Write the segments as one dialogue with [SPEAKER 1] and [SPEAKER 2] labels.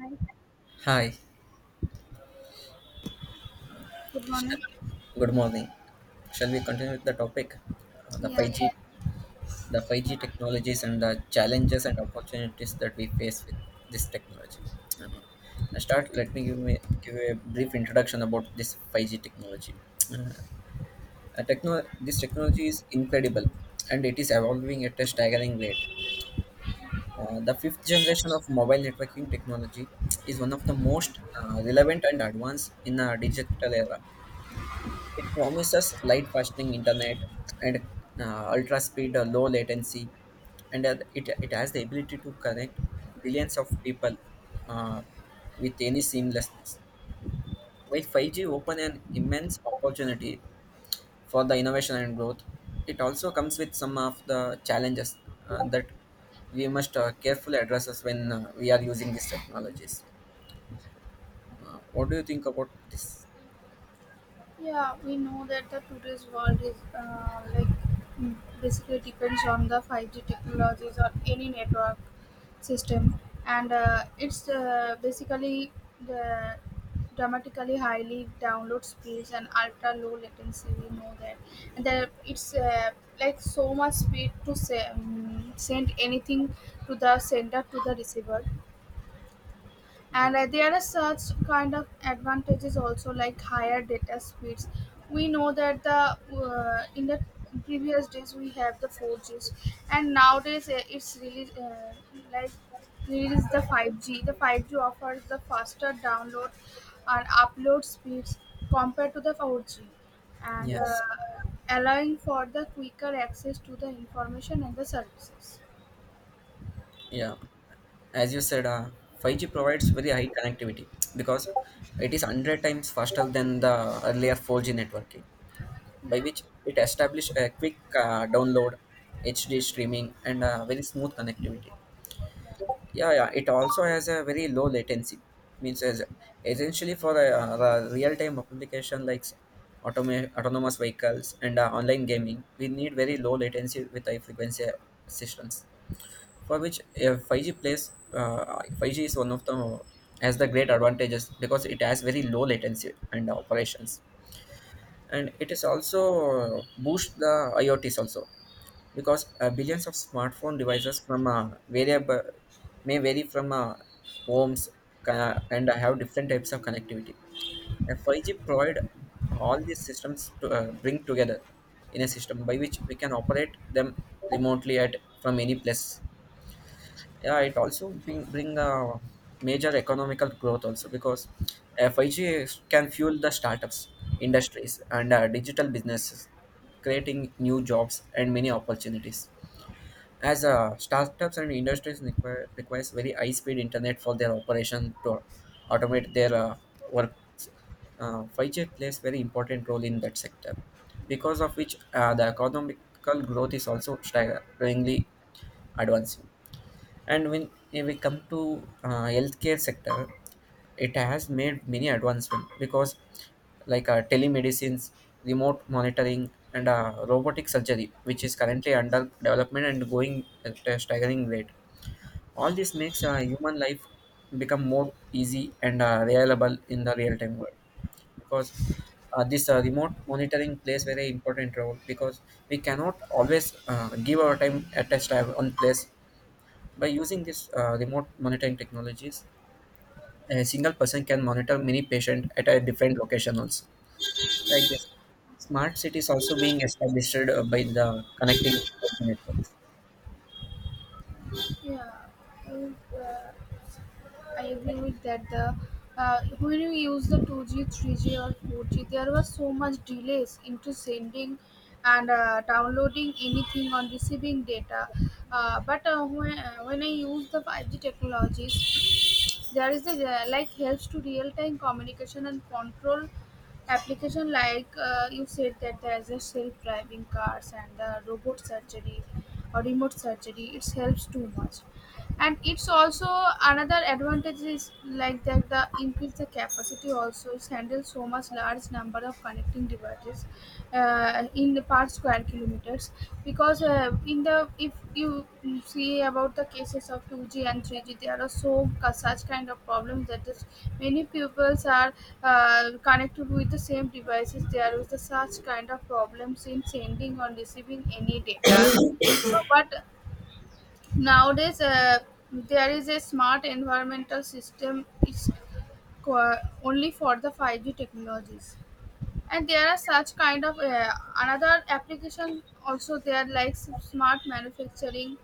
[SPEAKER 1] Hi,
[SPEAKER 2] Hi,
[SPEAKER 1] good morning.
[SPEAKER 2] good morning. Shall we continue with the topic? The
[SPEAKER 1] Yeah,
[SPEAKER 2] 5G, the
[SPEAKER 1] Yeah,
[SPEAKER 2] 5G technologies and the challenges and opportunities that we face with this technology. Uh, I start. Let me give a brief introduction about this 5G technology. Uh, this technology is incredible, and it is evolving at a staggering rate. The fifth generation of mobile networking technology is one of the most relevant and advanced in our digital era. It promises light functioning internet and ultra speed, low latency, and it has the ability to connect billions of people, uh, with any seamlessness. While 5G open an immense opportunity for the innovation and growth, it also comes with some of the challenges that we must carefully address us when we are using these technologies. What do you think about this?
[SPEAKER 1] yeah, we know that the today's world is like mm, basically depends on the 5G technologies or any network system, and it's basically the dramatically highly download speeds and ultra low latency. We know that, and there it's like so much speed to send anything to the sender to the receiver.
[SPEAKER 2] Yeah.
[SPEAKER 1] And there are such kind of advantages also, like higher data speeds. We know that the in the previous days we have the 4Gs, and nowadays it's really like release the 5G. The 5G offers the faster download and upload speeds compared to the 4G, and
[SPEAKER 2] Yes.
[SPEAKER 1] allowing for the quicker access to the information and the services.
[SPEAKER 2] Yeah, as you said, 5G provides very high connectivity because it is 100 times faster than the earlier 4G networking, by which it established a quick download, HD streaming, and very smooth connectivity. Yeah, yeah, it also has a very low latency, means as essentially for a, real-time application like autonomous vehicles and online gaming, we need very low latency with high frequency systems for which 5G is one of the has the great advantages because it has very low latency and operations, and it is also boost the IoTs also, because billions of smartphone devices from variable may vary from homes and have different types of connectivity. And 5G provide all these systems to bring together in a system by which we can operate them remotely at from any place. Yeah, it also bring a major economical growth also, because 5G can fuel the startups, industries, and digital businesses, creating new jobs and many opportunities. As startups and industries requires very high speed internet for their operation to automate their work. 5G plays very important role in that sector, because of which the economical growth is also staggeringly advancing. And when we come to healthcare sector, it has made many advancement, because like telemedicines, remote monitoring, and robotic surgery which is currently under development and going at a staggering rate. All this makes human life become more easy and reliable in the real time world, because this remote monitoring plays very important role, because we cannot always give our time at a time on place. By using this remote monitoring technologies, a single person can monitor many patients at a different location also. Like this, smart cities also being established by the connecting networks.
[SPEAKER 1] Yeah. Uh, I agree with that. The When you use the 2G, 3G, or 4G, there was so much delays into sending and downloading anything on receiving data. When I use the 5G technologies, there is the like helps to real time communication and control application like you said that there's a self-driving cars and the robot surgery or remote surgery. It helps too much, and it's also another advantage is like that the increase the capacity also is handle so much large number of connecting devices in the per square kilometers, because in the if you see about the cases of 2G and 3G there are so such kind of problems that is many pupils are connected with the same devices. There is the such kind of problems in sending or receiving any data, but nowadays, there is a smart environmental system is qu- only for the 5G technologies. And there are such kind of another application also there like smart manufacturing,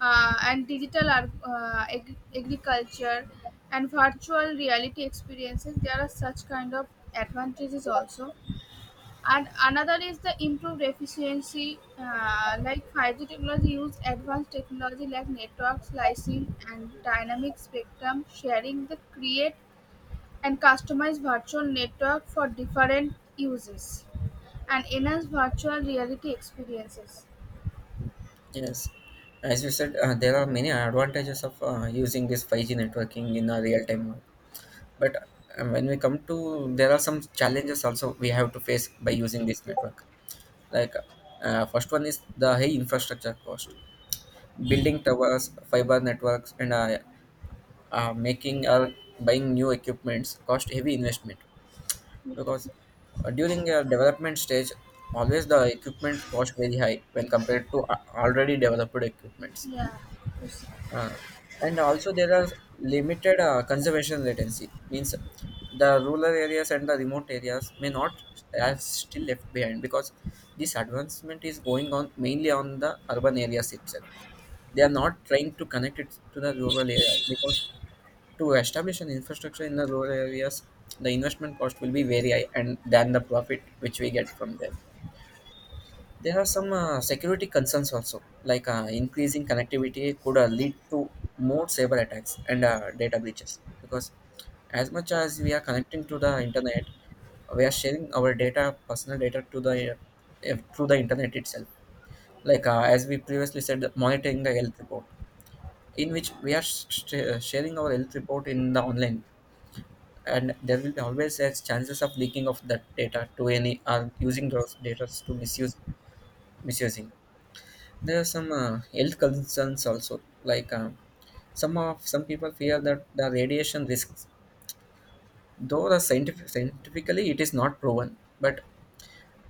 [SPEAKER 1] and digital agriculture, and virtual reality experiences. There are such kind of advantages also, and another is the improved efficiency. Like 5G technology use advanced technology like network slicing and dynamic spectrum sharing that create and customize virtual network for different uses and enhance virtual reality experiences.
[SPEAKER 2] Yes, as you said, there are many advantages of using this 5G networking in a real time world. But when we come to, there are some challenges also we have to face by using this network. Like first one is the high infrastructure cost, building towers, fiber networks, and making or buying new equipments cost heavy investment,
[SPEAKER 1] yeah
[SPEAKER 2] because during a development stage always the equipment cost very high when compared to already developed equipments.
[SPEAKER 1] yeah
[SPEAKER 2] Uh, and also there are limited conservation latency, means the rural areas and the remote areas may not have still left behind, because this advancement is going on mainly on the urban areas itself. They are not trying to connect it to the rural area, because to establish an infrastructure in the rural areas, the investment cost will be very high, and than the profit which we get from there. There are some security concerns also, like increasing connectivity could lead to more cyber attacks and data breaches. Because as much as we are connecting to the internet, we are sharing our data, personal data, to the through the internet itself. Like as we previously said, monitoring the health report, in which we are sharing our health report in the online, and there will be always as chances of leaking of that data to any or using those data to misuse misusing. There are some health concerns also, like some people fear that the radiation risks, though the scientifically it is not proven, but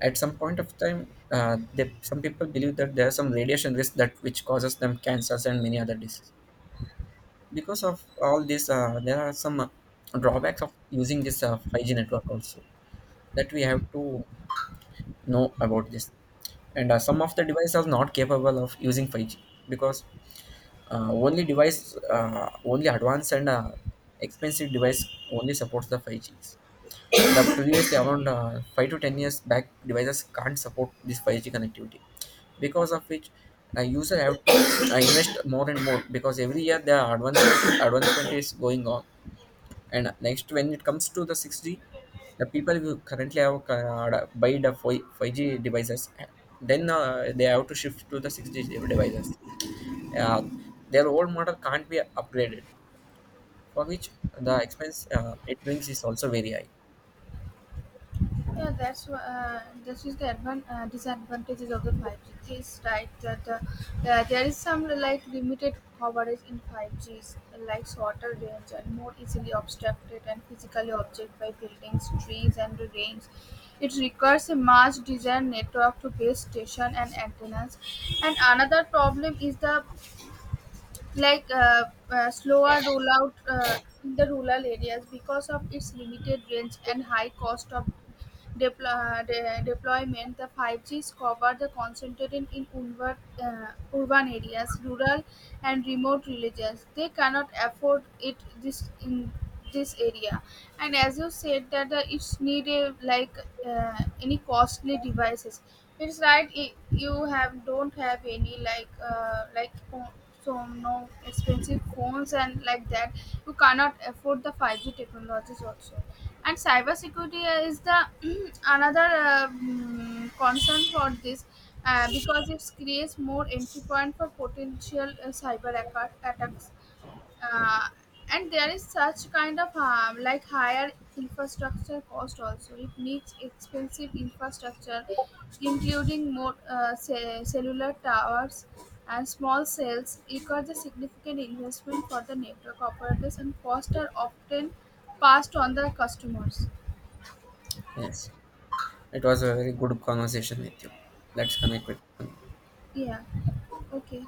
[SPEAKER 2] at some point of time some people believe that there are some radiation risk that which causes them cancers and many other diseases. Because of all this, there are some drawbacks of using this 5G network also that we have to know about this. And some of the devices are not capable of using 5G, because only advanced and expensive device only supports the 5Gs. The previously around 5 to 10 years back, devices can't support this 5G connectivity, because of which a user have to invest more and more, because every year the advancement is going on. And next, when it comes to the 6G, the people who currently have buy the 5G devices, then they have to shift to the 6G devices. Uh, their old model can't be upgraded, for which the expense it brings is also very high.
[SPEAKER 1] This is the disadvantages of the 5G. This right that there is some like limited coverage in 5Gs, like shorter range and more easily obstructed and physically object by buildings, trees, and rains. It requires a much desired network to base station and antennas. And another problem is the like uh, slower rollout in the rural areas because of its limited range and high cost of deplo- deployment. The 5G is covered the concentrated in urban, urban areas, rural and remote villages. They cannot afford it this in this area. And as you said that it's needed like any costly devices, it's right. You have don't have any like so no expensive phones and like that, you cannot afford the 5G technologies also. And cybersecurity is the another concern for this, because it creates more entry point for potential cyber attacks. uh, and there is such kind of harm like higher infrastructure cost also. It needs expensive infrastructure including more cellular towers and small cells requires a significant investment for the network operators, and costs are often passed on the customers.
[SPEAKER 2] Yes, it was a very good conversation with you. Let's connect with.
[SPEAKER 1] Yeah. Okay.